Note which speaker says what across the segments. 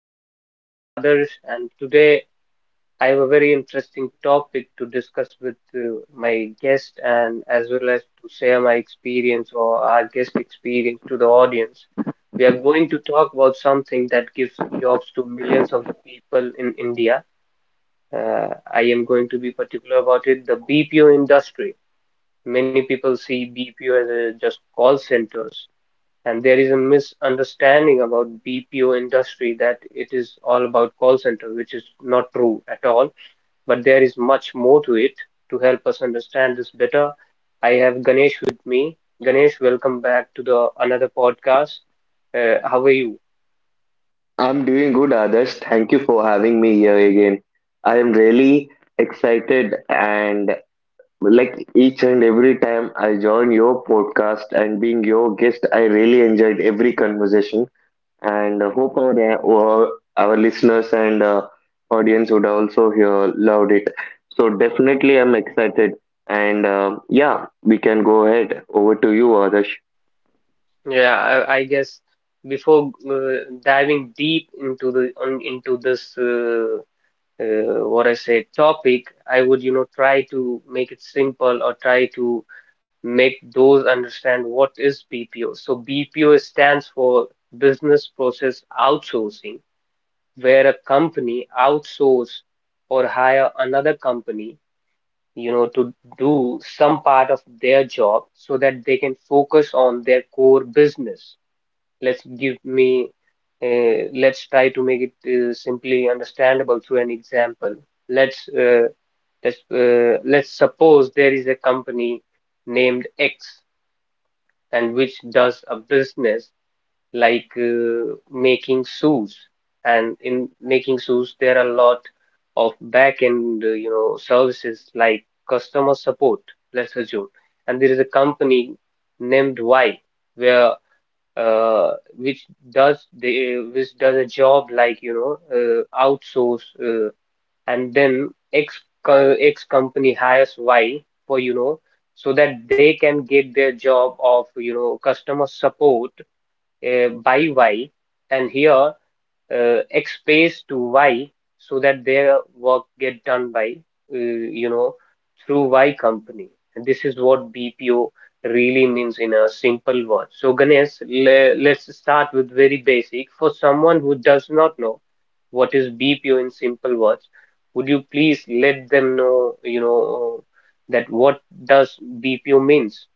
Speaker 1: I'm your host Adarsh, and today I have a very interesting topic to discuss with my guest and as well as to share my experience or our guest experience to the audience. We are going to talk about something that gives jobs to millions of the people in India. I am going to be particular about it, the BPO industry. Many people see BPO as a, just call centers, and there is a misunderstanding about BPO industry that it is all about call center, which is not true at all. But there is much more to it. To help us understand this better, I have Ganesh with me. Ganesh, welcome back to the another podcast. How are you?
Speaker 2: I'm doing good, Adarsh. Thank you for having me here again. I am really excited and like each and every time I join your podcast and being your guest, I really enjoyed every conversation and hope our, our listeners and audience would also hear loved it. So definitely, I'm excited and yeah, we can go ahead. Over to you, Adarsh.
Speaker 1: I guess before diving deep into the into this what I say topic, I would you know try to make it simple or try to make those understand what is BPO. So BPO stands for business process outsourcing, where a company outsource or hire another company, you know, to do some part of their job so that they can focus on their core business. Let's give me, let's try to make it simply understandable through an example. Let's uh, let's suppose there is a company named X and which does a business like making shoes. And in making shoes, there are a lot of back-end, you know, services like customer support, let's assume. And there is a company named Y, where which does a job like you know outsource and then X company hires Y for you know so that they can get their job of you know customer support by Y. And here X pays to Y so that their work get done by you know through Y company. And this is what BPO really means in a simple word. So Ganesh, let's start with very basic. For someone who does not know what is BPO in simple words, would you please let them know you know that what does BPO means?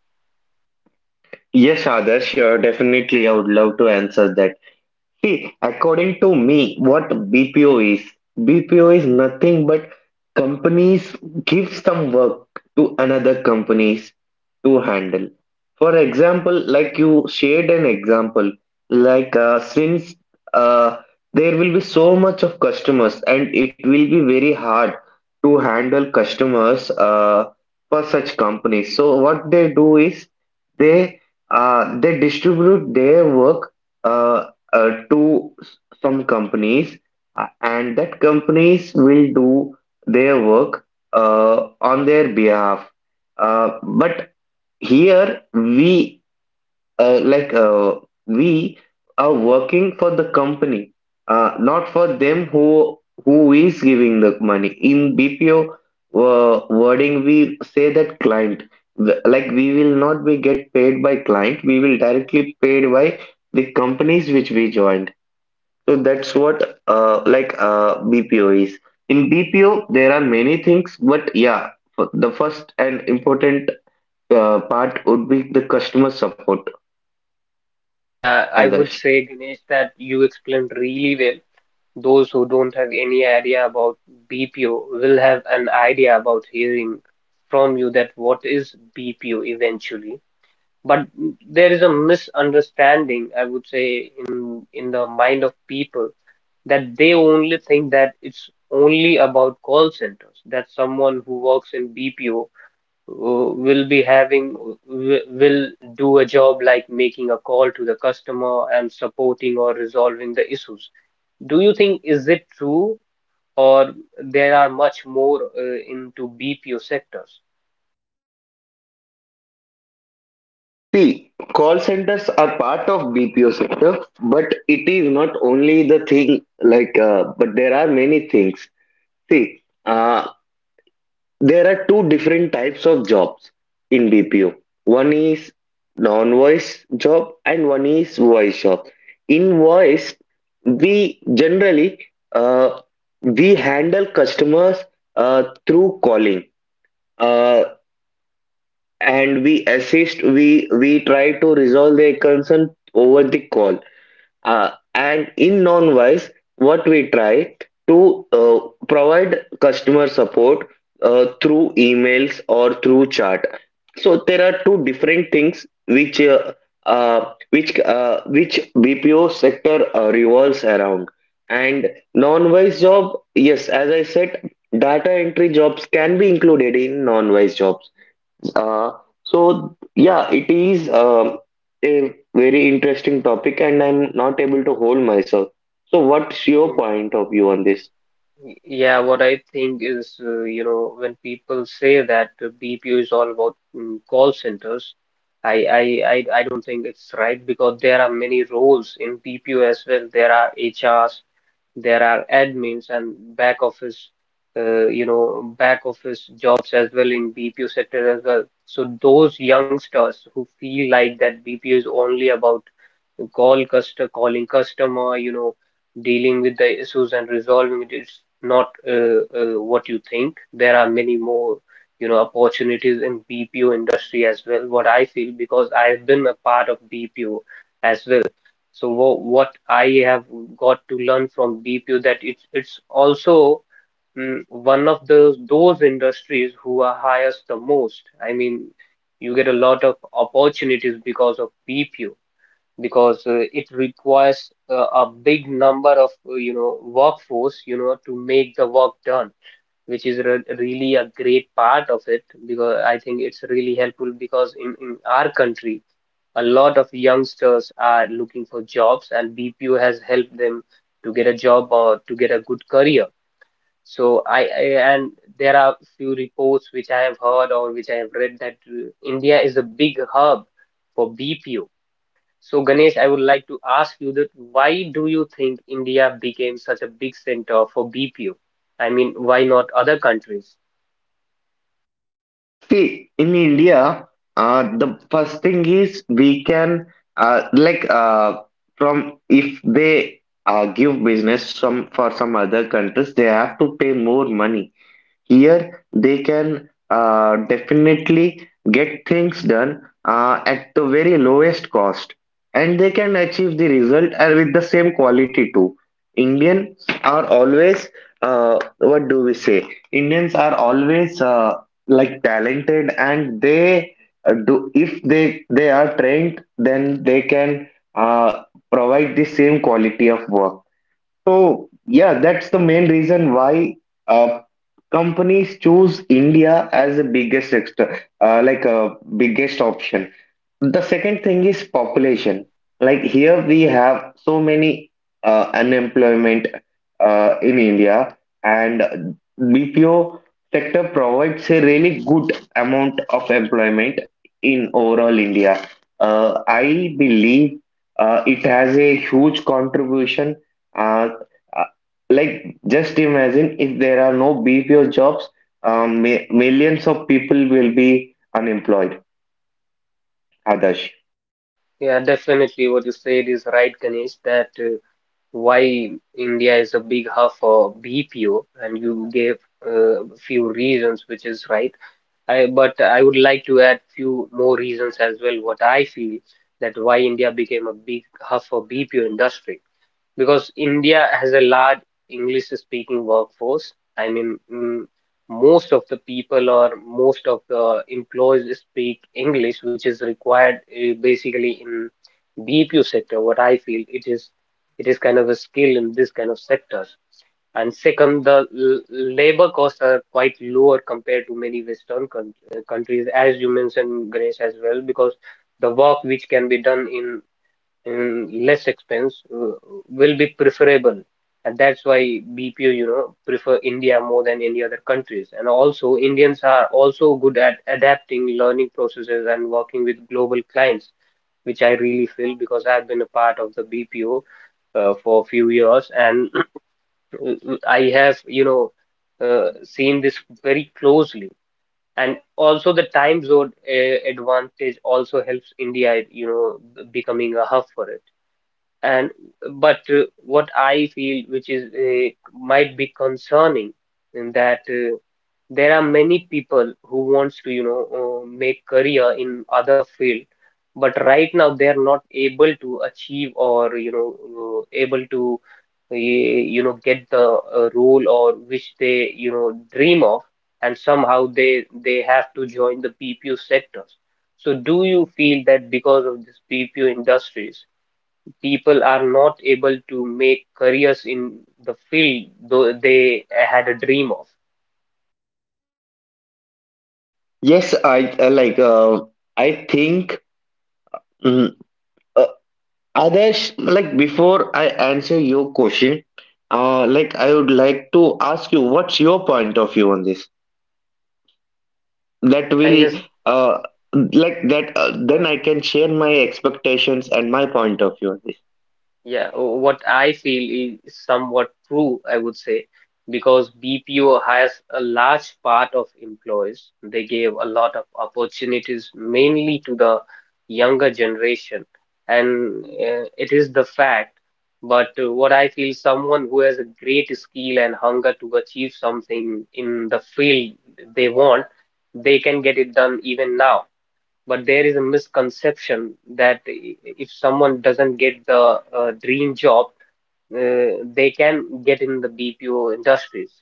Speaker 2: Yes, Adarsh, definitely. I would love to answer that. See, according to me, what BPO is, BPO is nothing but companies give some work to another companies to handle. For example, like you shared an example, like since uh, there will be so much of customers and it will be very hard to handle customers for such companies. So what they do is they they distribute their work uh, to some companies, and that companies will do their work on their behalf. But here uh, like uh, we are working for the company, not for them who is giving the money. In BPO wording, we say that client. Like we will not be get paid by client, we will directly paid by the companies which we joined. So that's what BPO is. In BPO, there are many things, but yeah, the first and important part would be the customer support,
Speaker 1: Yeah, I would
Speaker 2: Adarsh.
Speaker 1: say Ganesh that you explained really well. Those who don't have any idea about BPO will have an idea about hearing from you that what is BPO eventually. But there is a misunderstanding, I would say, in the mind of people that they only think that it's only about call centers, that someone who works in BPO will be having, will do a job like making a call to the customer and supporting or resolving the issues. Do you think is it true or there are much more into BPO sectors?
Speaker 2: See, call centers are part of BPO sector, but it is not only the thing, like, but there are many things. See, there are two different types of jobs in BPO. One is non-voice job and one is voice job. In voice, we generally uh, we handle customers through calling, uh, and we assist. We try to resolve their concern over the call. And in non-wise, what we try to provide customer support through emails or through chat. So there are two different things which which BPO sector revolves around. And non-wise job, yes, as I said, data entry jobs can be included in non-wise jobs, uh, so yeah, it is a very interesting topic, and I'm not able to hold myself. So, what's your
Speaker 1: Mm,
Speaker 2: point of view on this?
Speaker 1: Yeah, what I think is, you know, when people say that BPO is all about call centers, I, I, I don't think it's right because there are many roles in BPO as well. There are HRs. There are admins and back office, you know, back office jobs as well in BPO sector as well. So those youngsters who feel like that BPO is only about calling customer, you know, dealing with the issues and resolving it is not what you think. There are many more, you know, opportunities in BPO industry as well. What I feel because I've been a part of BPO as well. So what I have got to learn from BPO that it's also one of the those industries who are highest the most. I mean, you get a lot of opportunities because of BPO because it requires a big number of you know workforce you know to make the work done, which is re really a great part of it because I think it's really helpful because in our country a lot of youngsters are looking for jobs and BPO has helped them to get a job or to get a good career. So I And there are few reports which I have heard or which I have read that India is a big hub for BPO. So, Ganesh, I would like to ask you that why do you think India became such a big center for BPO? I mean, why not other countries?
Speaker 2: See, in India, the first thing is we can uh, like uh, from if they give business some for some other countries, they have to pay more money. Here they can definitely get things done at the very lowest cost, and they can achieve the result and with the same quality too. Indians are always what do we say? Indians are always like talented, and they do if they are trained, then they can uh, provide the same quality of work. So yeah, that's the main reason why uh, companies choose India as the biggest extra, biggest option. The second thing is population. Like here we have so many unemployment in India, and BPO sector provides a really good amount of employment in overall India. I believe it has a huge contribution. Uh, uh, like just imagine if there are no BPO jobs, millions of people will be unemployed, Adarsh.
Speaker 1: Yeah, yeah, definitely what you said is right, Ganesh, that why India is a big hub for BPO, and you gave few reasons, which is right. I, but I would like to add few more reasons as well, what I feel that why India became a big hub for BPO industry, because India has a large English speaking workforce. I mean, most of the people or most of the employees speak English, which is required basically in BPO sector. What I feel it is kind of a skill in this kind of sectors. And second, the labor costs are quite lower compared to many Western countries, as you mentioned, Grace, as well, because the work which can be done in and less expense will be preferable, and that's why BPO you know prefer India more than any other countries. And also Indians are also good at adapting learning processes and working with global clients, which I really feel because I've been a part of the BPO for a few years and I have you know seen this very closely. And also the time zone advantage also helps India you know becoming a hub for it. And but uh, what I feel which is might be concerning in that there are many people who wants to you know make career in other field, but right now they are not able to achieve or you know able to you know get the role or which they you know dream of, and somehow they have to join the BPO sectors. So do you feel that because of this BPO industries people are not able to make careers in the field though they had a dream of.
Speaker 2: Yes, I like. I think, mm, uh, Adesh, like before I answer your question, like I would like to ask you, what's your point of view on this? That
Speaker 1: I
Speaker 2: will,
Speaker 1: guess
Speaker 2: uh, then
Speaker 1: uh,
Speaker 2: I can share my expectations and my point of view on this.
Speaker 1: Yeah, what I feel is somewhat true, I would say, because BPO hires a large part of employees. They gave a lot of opportunities, mainly to the younger generation, and it is the fact. But what I feel, someone who has a great skill and hunger to achieve something in the field they want, they can get it done even now. But there is a misconception that if someone doesn't get the dream job, uh, they can get in the BPO industries,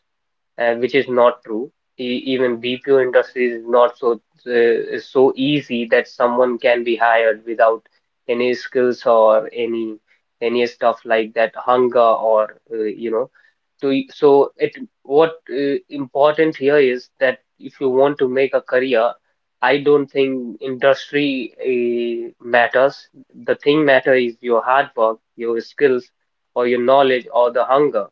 Speaker 1: which is not true. Even BPO industry is not so uh, so easy that someone can be hired without any skills or any stuff like that, hunger or uh, you know to y- so it what uh, important here is that if you want to make a career, I don't think industry matters. The thing matter is your hard work, your skills, or your knowledge, or the hunger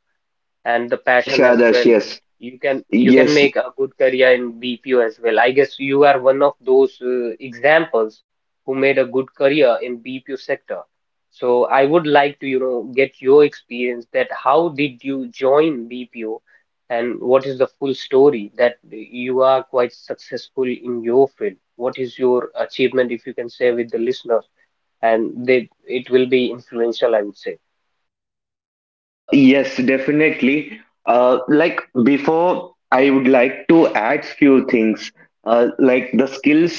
Speaker 1: and the
Speaker 2: Yes,
Speaker 1: passion as
Speaker 2: Adesh.
Speaker 1: well.
Speaker 2: Yes,
Speaker 1: You can
Speaker 2: yes,
Speaker 1: make a good career in BPO as well. I guess you are one of those examples who made a good career in BPO sector. So I would like to, you know, get your experience that how did you join BPO and what is the full story that you are quite successful in your field? What is your achievement if you can share with the listeners, and they it will be influential, I would say.
Speaker 2: yes, definitely. Like before, I would like to add few things. Like the skills,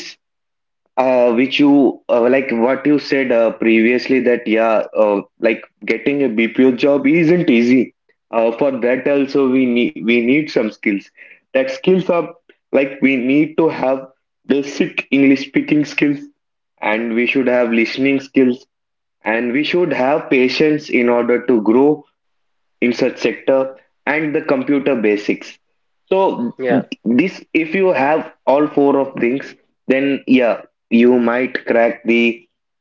Speaker 2: Which you like what you said previously, that yeah, like getting a BPO job isn't easy. For that also we need some skills. That skills are like we need to have basic English speaking skills, and we should have listening skills, and we should have patience in order to grow in such sector, and the computer basics. So
Speaker 1: Yeah.
Speaker 2: this, if you have all four of things, then yeah, you might crack the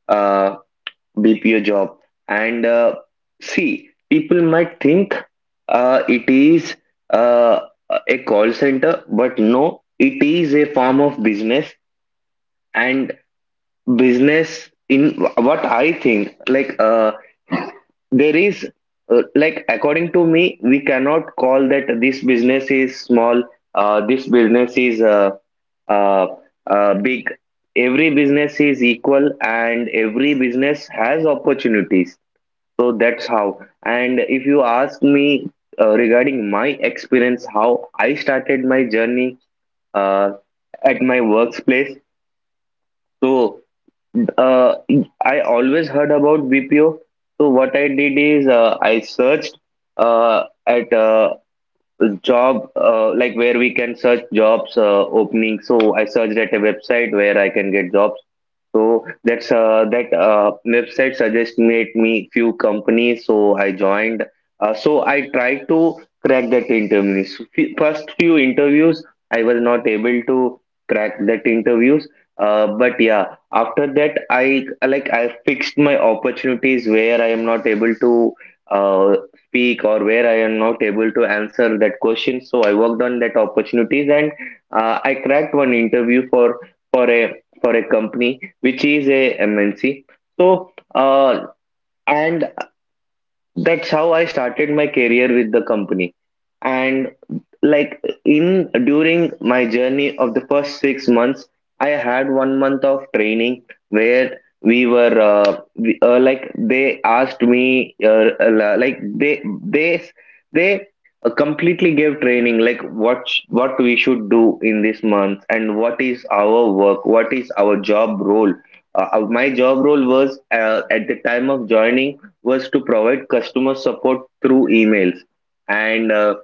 Speaker 2: uh, BPO job. And See, people might think it is uh, a call center, but no, it is a form of business. And business in, what I think, there is, like according to me, we cannot call that this business is small, this business is uh, big. Every business is equal and every business has opportunities. So that's how. And if you ask me regarding my experience, how I started my journey uh, at my workplace, so uh, I always heard about BPO. So what I did is, I searched at job like where we can search jobs opening. So I searched at a website where I can get jobs. So that's that website suggested me few companies. So I joined. So I tried to crack that interviews. First few interviews, I was not able to crack that interviews. But yeah, after that, I fixed my opportunities where I am not able to uh, speak or where I am not able to answer that question. So I worked on that opportunities, and I cracked one interview for for a a company which is a MNC. So, uh, and that's how I started my career with the company. And like in during my journey of the first 6 months, I had 1 month of training where we were we, like they asked me they completely gave training, like what we should do in this month and what is our work, what is our job role. My job role was at the time of joining was to provide customer support through emails, and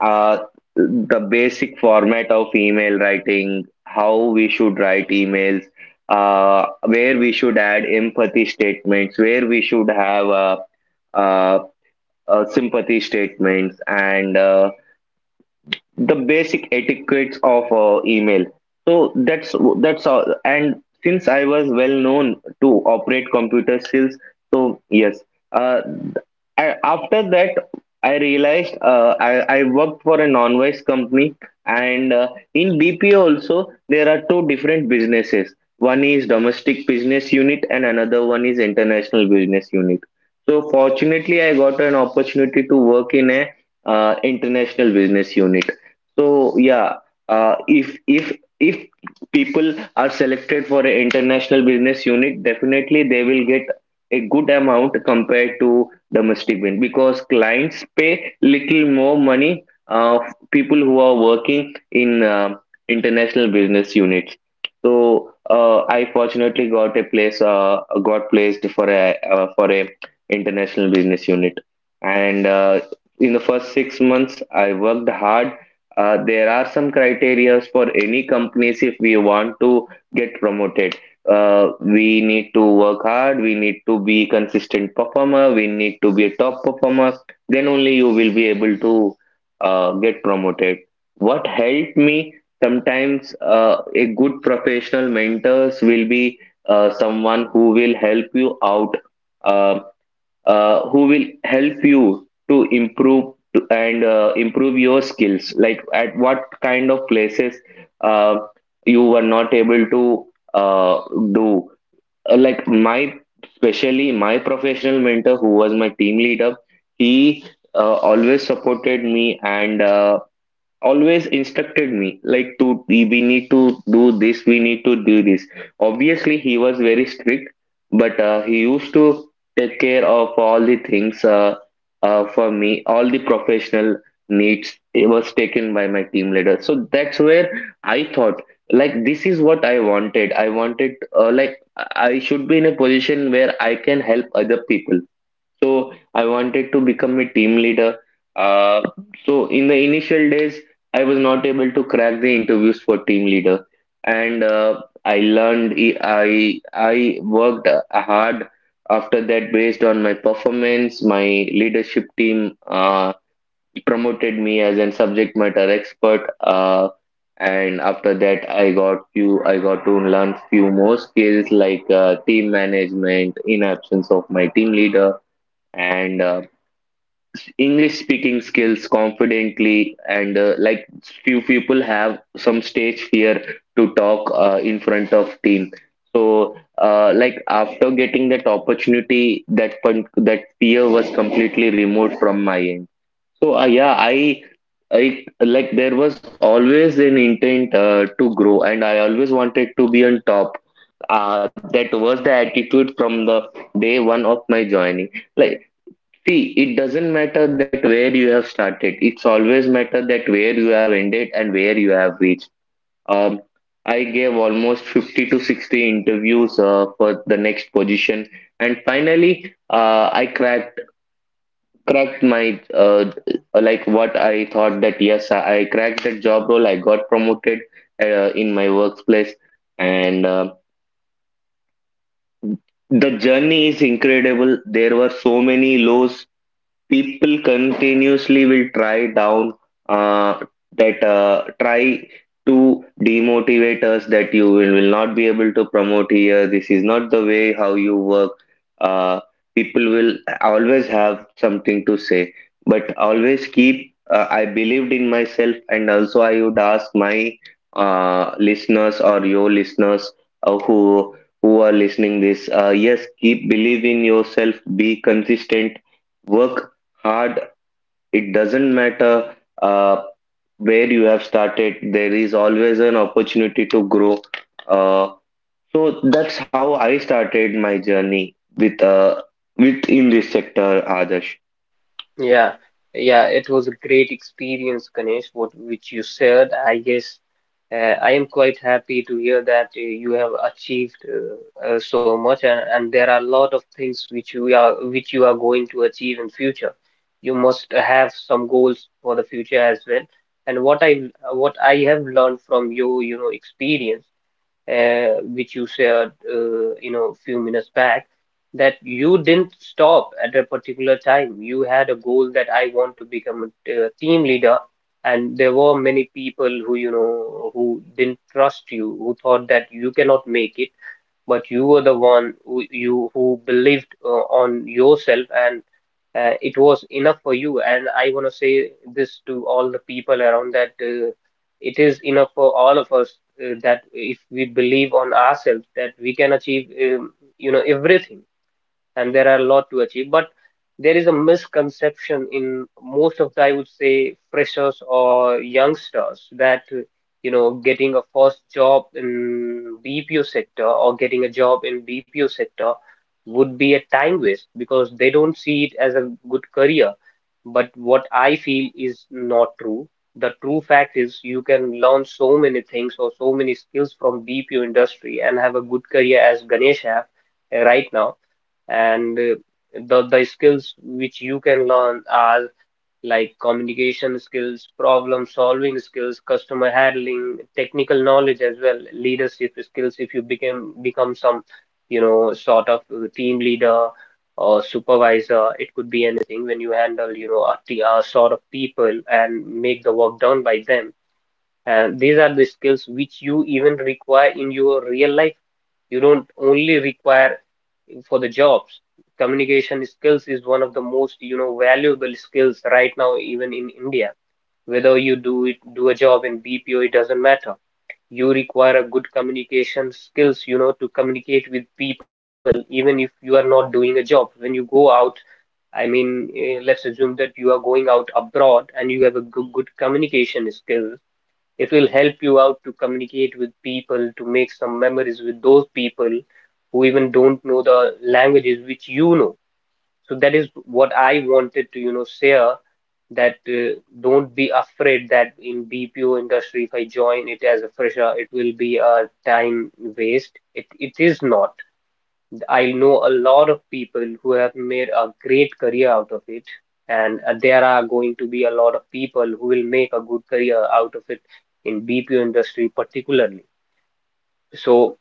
Speaker 2: uh, the basic format of email writing, how we should write emails, where we should add empathy statements, where we should have uh, sympathy statements, and the basic etiquettes of email. So that's all. And since I was well known to operate computer skills, so yes, uh, after that I realized, I worked for a non-wise company. And In BPO also there are two different businesses. One is domestic business unit and another one is international business unit. So fortunately I got an opportunity to work in a international business unit. So yeah, if people are selected for an international business unit, definitely they will get a good amount compared to domestic win, because clients pay little more money people who are working in international business units. So I fortunately got a place. Got placed for a international business unit, and in the first 6 months I worked hard. There are some criteria for any companies if we want to get promoted. We need to work hard, we need to be consistent performer, we need to be a top performer. Then only you will be able to get promoted. What helped me sometimes a good professional mentors will be someone who will help you out uh, who will help you to improve to- and improve your skills, like at what kind of places uh, you were not able to uh, do. My especially my professional mentor who was my team leader, he always supported me, and always instructed me, like to, we need to do this, we need to do this. Obviously he was very strict, but he used to take care of all the things, for me all the professional needs, it was taken by my team leader. So that's where I thought, like, this is what I wanted. Uh, like I should be in a position where I can help other people. So I wanted to become a team leader. Uh, so in the initial days, I was not able to crack the interviews for team leader, and I learned. E, I worked hard after that based on my performance. My leadership team promoted me as a subject matter expert. And after that I got to learn few more skills, like team management in absence of my team leader, and English speaking skills confidently. And few people have some stage fear to talk in front of team. So like after getting that opportunity, that that fear was completely removed from my end. So yeah, I. I like there was always an intent to grow, and I always wanted to be on top. That was the attitude from the day one of my joining. Like. See, it doesn't matter that where you have started. It's always matter that where you have ended and where you have reached. Um, I gave almost 50 to 60 interviews for the next position, and finally, I cracked my like what I thought that yes, I cracked that job role. I got promoted in my workplace, and the journey is incredible. There were so many lows, people continuously will try down uh, that try to demotivate us that you will not be able to promote here. This is not the way how you work. uh, People will always have something to say, but always keep I believed in myself. And also I would ask my listeners or your listeners, uh, who who are listening this. Yes, keep believe in yourself, be consistent, work hard. It doesn't matter uh, where you have started, there is always an opportunity to grow. uh, so that's how I started my journey with within this sector, Adarsh.
Speaker 1: Yeah, yeah, it was a great experience, Ganesh, what which you said, I guess. I am quite happy to hear that you have achieved so much, and there are a lot of things which you are going to achieve in future. You must have some goals for the future as well. And what I have learned from your, you know, experience which you shared, you know, few minutes back, that you didn't stop at a particular time. You had a goal that I want to become a team leader, and there were many people who, you know, who didn't trust you, who thought that you cannot make it, but you were the one who you who believed on yourself, and it was enough for you. And I want to say this to all the people around that it is enough for all of us that if we believe on ourselves that we can achieve you know everything, and there are a lot to achieve. But there is a misconception in most of the, freshers or youngsters that, getting a first job in BPO sector or getting a job in BPO sector would be a time waste because they don't see it as a good career. But what I feel is not true. The true fact is you can learn so many things or so many skills from BPO industry and have a good career as Ganesh have right now and the skills which you can learn are like communication skills, problem solving skills, customer handling, technical knowledge as well, leadership skills if you become some sort of team leader or supervisor. It could be anything when you handle, a sort of people and make the work done by them. And these are the skills which you even require in your real life. You don't only require for the jobs. Communication skills is one of the most, valuable skills right now, even in India. Whether you do it, do a job in BPO, it doesn't matter. You require a good communication skills, to communicate with people, even if you are not doing a job. When you go out, I mean, let's assume that you are going out abroad and you have a good communication skill. It will help you out to communicate with people, to make some memories with those people who even don't know the languages which you know. So that is what I wanted to, share that don't be afraid that in BPO industry, if I join it as a fresher, it will be a time waste. It is not. I know a lot of people who have made a great career out of it, and there are going to be a lot of people who will make a good career out of it in BPO industry particularly. So,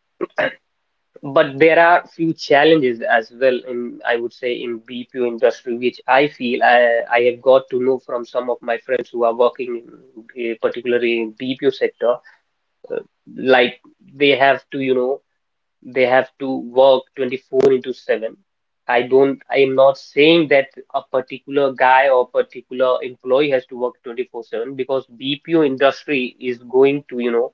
Speaker 1: but there are few challenges as well in, I would say, in BPO industry, which I feel I have got to know from some of my friends who are working in, particularly in BPO sector, like they have to, they have to work 24 into 7. I am not saying that a particular guy or particular employee has to work 24/7, because BPO industry is going to,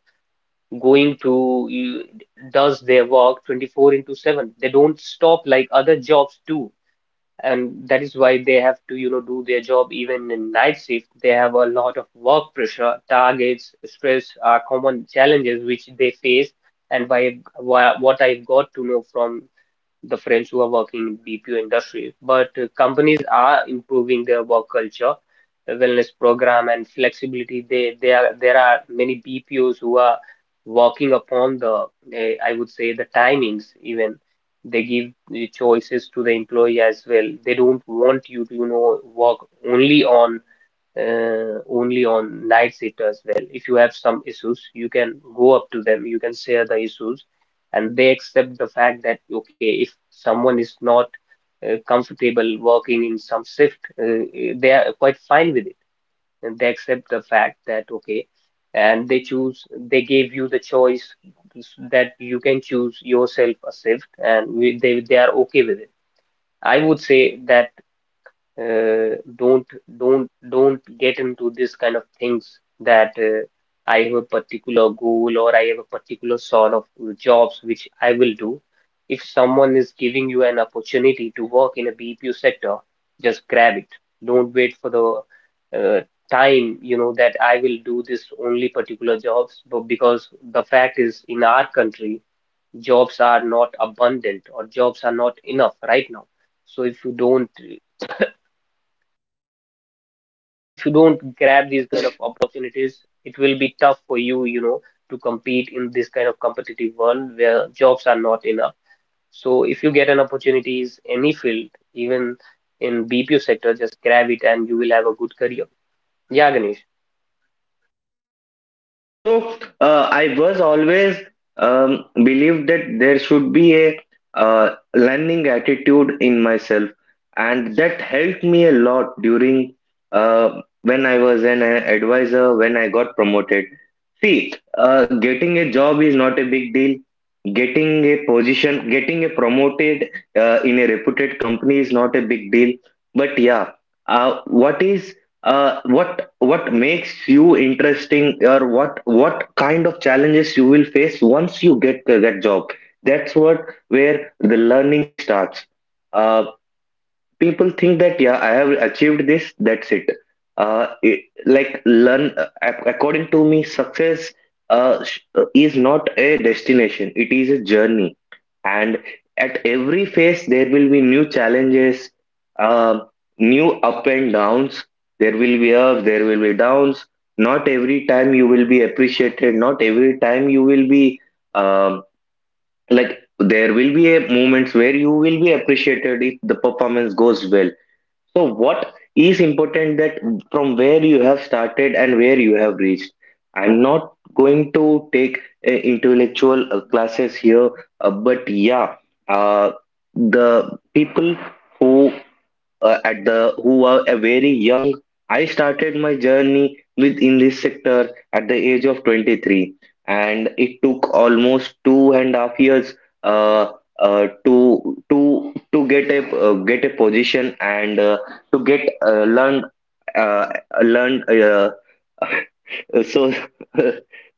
Speaker 1: going to you, does their work 24 into 7. They don't stop like other jobs do, and that is why they have to, do their job even in night shift. They have a lot of work pressure, targets, stress are common challenges which they face. And why What I've got to know from the friends who are working in BPO industry, but companies are improving their work culture, the wellness program and flexibility. There are many BPOs who are working upon the, I would say, the timings even. They give the choices to the employee as well. They don't want you to, work only on only on night shift as well. If you have some issues, you can go up to them, you can share the issues, and they accept the fact that, okay, if someone is not comfortable working in some shift, they are quite fine with it. And they accept the fact that, okay, and they gave you the choice that you can choose yourself a shift, and they are okay with it. I would say that uh, don't don't get into this kind of things that I have a particular goal or I have a particular sort of jobs which I will do. If someone is giving you an opportunity to work in a BPO sector, just grab it. Don't wait for the uh, time, that I will do this only particular jobs, but because the fact is in our country, jobs are not abundant or jobs are not enough right now. So if you don't grab these kind
Speaker 2: Yes.
Speaker 1: of opportunities, it will be tough for you, to compete in this kind of competitive world where jobs are not enough. So if you get an opportunities, any field, even in BPO sector, just grab it and you will have a good career. Yeah, Ganesh.
Speaker 2: So I was always believed that there should be a learning attitude in myself, and that helped me a lot during when I was an advisor, when I got promoted. See, getting a job is not a big deal. Getting a position, getting a promoted in a reputed company is not a big deal. But yeah, uh, what is what makes you interesting, or what kind of challenges you will face once you get that job, that's what where the learning starts. uh, People think that yeah, I have achieved this, that's it. uh, it According to me, success is not a destination, it is a journey. And at every phase there will be new challenges, uh, new up and downs. There will be ups, there will be downs. Not every time you will be appreciated, not every time you will be um, like there will be a moments where you will be appreciated if the performance goes well. So what is important, that from where you have started and where you have reached. I'm not going to take intellectual classes here, but yeah, uh, the people who at the who are very young. I started my journey within this sector at the age of 23, and it took almost two and a half years uh, to get a position, and to get learn uh, learn uh, so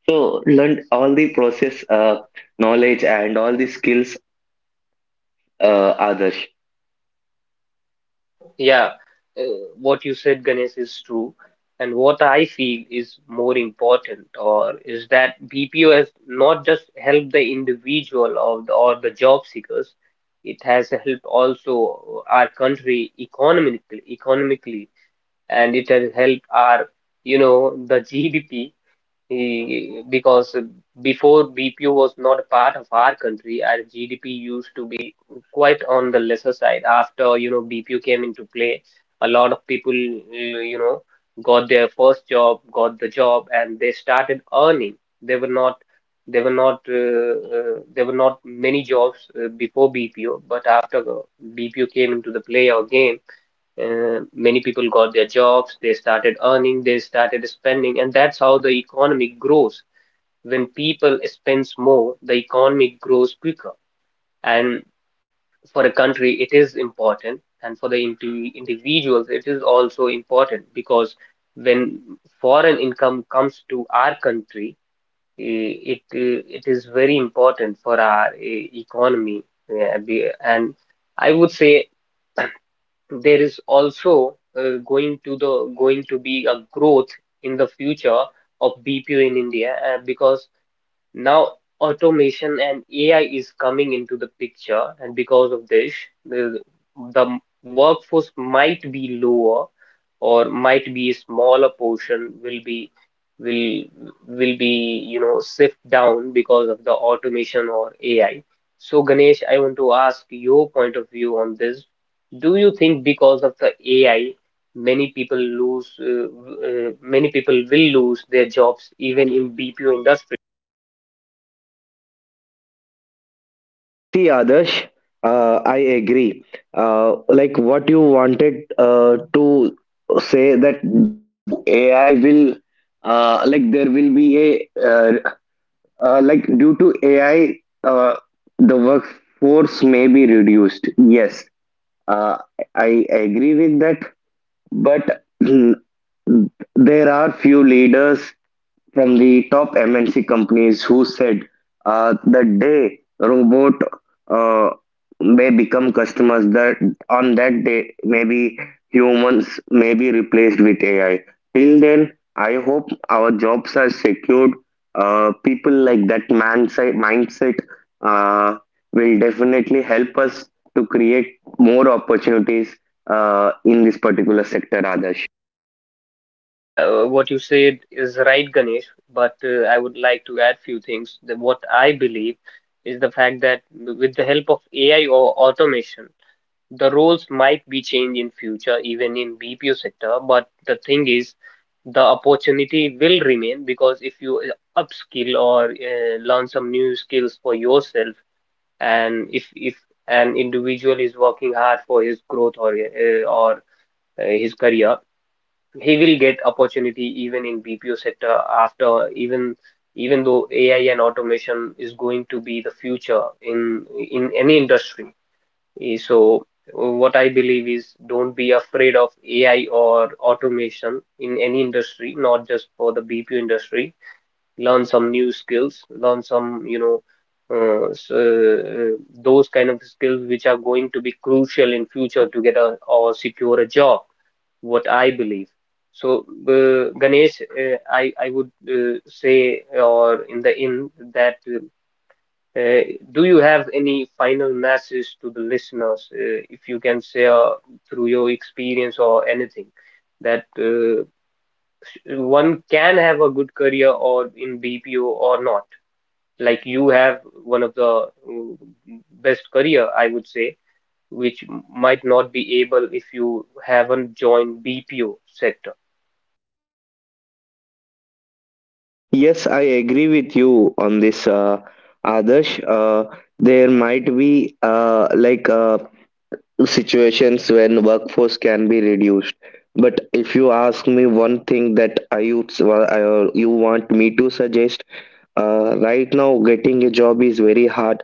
Speaker 2: so learn all the process, knowledge and all the skills others.
Speaker 1: Yeah, uh, what you said, Ganesh, is true. And what I feel is more important or is that BPO has not just helped the individual or the job seekers, it has helped also our country economically, economically, and it has helped our, the GDP. Because before BPO was not a part of our country, our GDP used to be quite on the lesser side. After, BPO came into play, a lot of people, got their first job, got the job, and they started earning. They were not, they were not, there were not many jobs before BPO, but after the BPO came into the play again, many people got their jobs, they started earning, they started spending, and that's how the economy grows. When people spends more, the economy grows quicker. And for a country, it is important, and for the individuals, it is also important because when foreign income comes to our country, it, it is very important for our, economy. Eh, be- And I would say there is also going to be a growth in the future of BPO in India, because now automation and AI is coming into the picture, and because of this, the, the workforce might be lower or might be a smaller portion will be will will be, sift down because of the automation or AI. So Ganesh, I want to ask your point of view on this. Do you think because of the AI, many people lose uh, many people will lose their jobs even in BPO industry?
Speaker 2: See, Adarsh, I agree. Like what you wanted to say, that do AI will like there will be a like due to AI uh, the workforce may be reduced. Yes, uh, I agree with that, but there are few leaders from the top MNC companies who said the day robot uh, may become customers, that on that day maybe humans may be replaced with AI. Till then, I hope our jobs are secured. People like that mindset uh, will definitely help us to create more opportunities in this particular sector, Adarsh.
Speaker 1: Yeah, what you said is right, Ganesh, but I would like to add few things. What I believe is the fact that with the help of AI or automation, the roles might be changed in future, even in BPO sector. But the thing is, the opportunity will remain because if you upskill or learn some new skills for yourself, and if an individual is working hard for his growth or his career, he will get opportunity even in BPO sector after even though AI and automation is going to be the future in any industry. So what I believe is don't be afraid of AI or automation in any industry, not just for the BPO industry. Learn some new skills, learn some, uh, s- uh, those kind of skills which are going to be crucial in future to get a or secure a job, what I believe. So, Ganesh, I would say or in the end that uh, do you have any final message to the listeners, if you can share through your experience or anything, that one can have a good career or in BPO or not. Like you have one of the uh, best career, I would say, which might not be able if you haven't joined BPO sector.
Speaker 2: Yes, I agree with you on this, Adarsh. There might be situations when workforce can be reduced. But if you ask me one thing that I would, I, you want me to suggest, right now getting a job is very hard.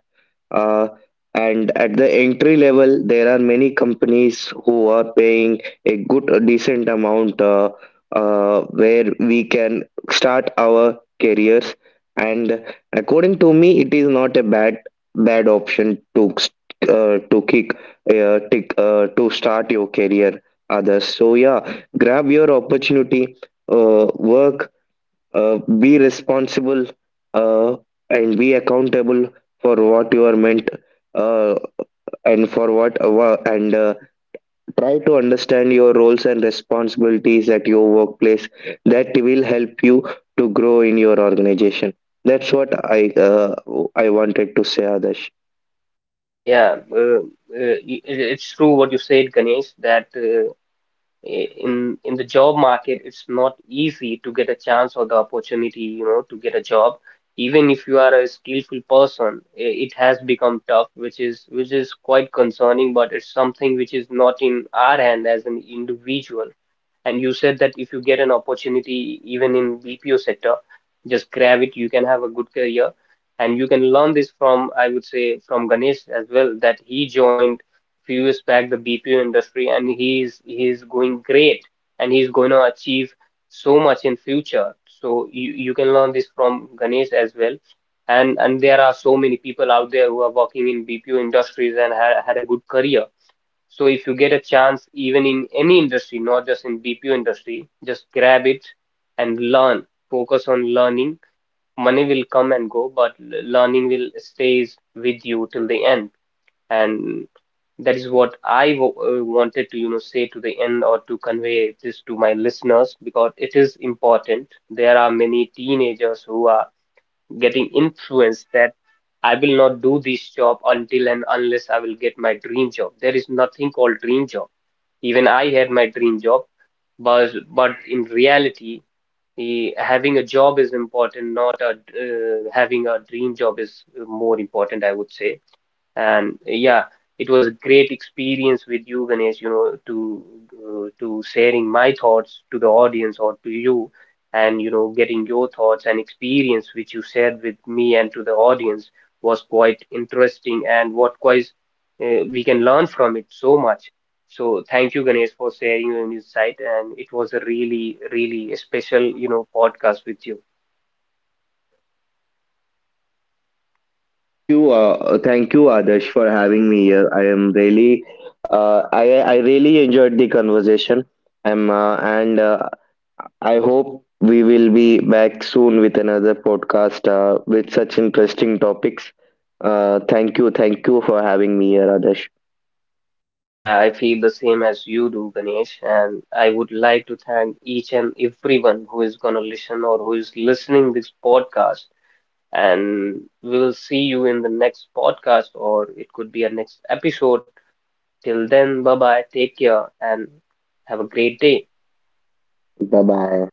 Speaker 2: Uh, and at the entry level, there are many companies who are paying a good, a decent amount where we can start our careers. And according to me, it is not a bad option to uh, to kick to start your career. Others, so yeah, grab your opportunity, work be responsible, uh, and be accountable for what you are meant, uh, and for what wha- and try to understand your roles and responsibilities at your workplace. That will help you to grow in your organization. That's what I wanted to say, Adesh.
Speaker 1: Yeah, it, it's true what you said, Ganesh, that in the job market, it's not easy to get a chance or the opportunity, to get a job. Even if you are a skillful person, it has become tough, which is quite concerning, but it's something which is not in our hand as an individual. And you said that if you get an opportunity, even in BPO sector, just grab it. You can have a good career, and you can learn this from, I would say, from Ganesh as well, that he joined few years back the BPO industry, and he's going great, and he's going to achieve so much in future. So you can learn this from Ganesh as well. And there are so many people out there who are working in BPO industries and had a good career. So if you get a chance, even in any industry, not just in BPO industry, just grab it and learn. Focus on learning. Money will come and go, but learning will stays with you till the end. And that is what I w wanted to, say to the end or to convey this to my listeners because it is important. There are many teenagers who are getting influenced that I will not do this job until and unless I will get my dream job. There is nothing called dream job, even I had my dream job, but in reality, having a job is important, not a, having a dream job is more important, I would say. And yeah, it was a great experience with you, Ganesh, to sharing my thoughts to the audience or to you, and you know, getting your thoughts and experience which you shared with me and to the audience was quite interesting, and what quite we can learn from it so much. So thank you, Ganesh, for sharing your insight, and it was a really, really special, podcast with you.
Speaker 2: Thank you, thank you, Adesh, for having me here. I am really uh, i I really enjoyed the conversation. Am and I hope we will be back soon with another podcast with such interesting topics. Thank you, thank you for having me here, Adesh.
Speaker 1: Yeah, I feel the same as you do, Ganesh, and I would like to thank each and everyone who is going to listen or who is listening this podcast. And we will see you in the next podcast, or it could be a next episode. Till then, bye bye, take care, and have a great day.
Speaker 2: Bye bye.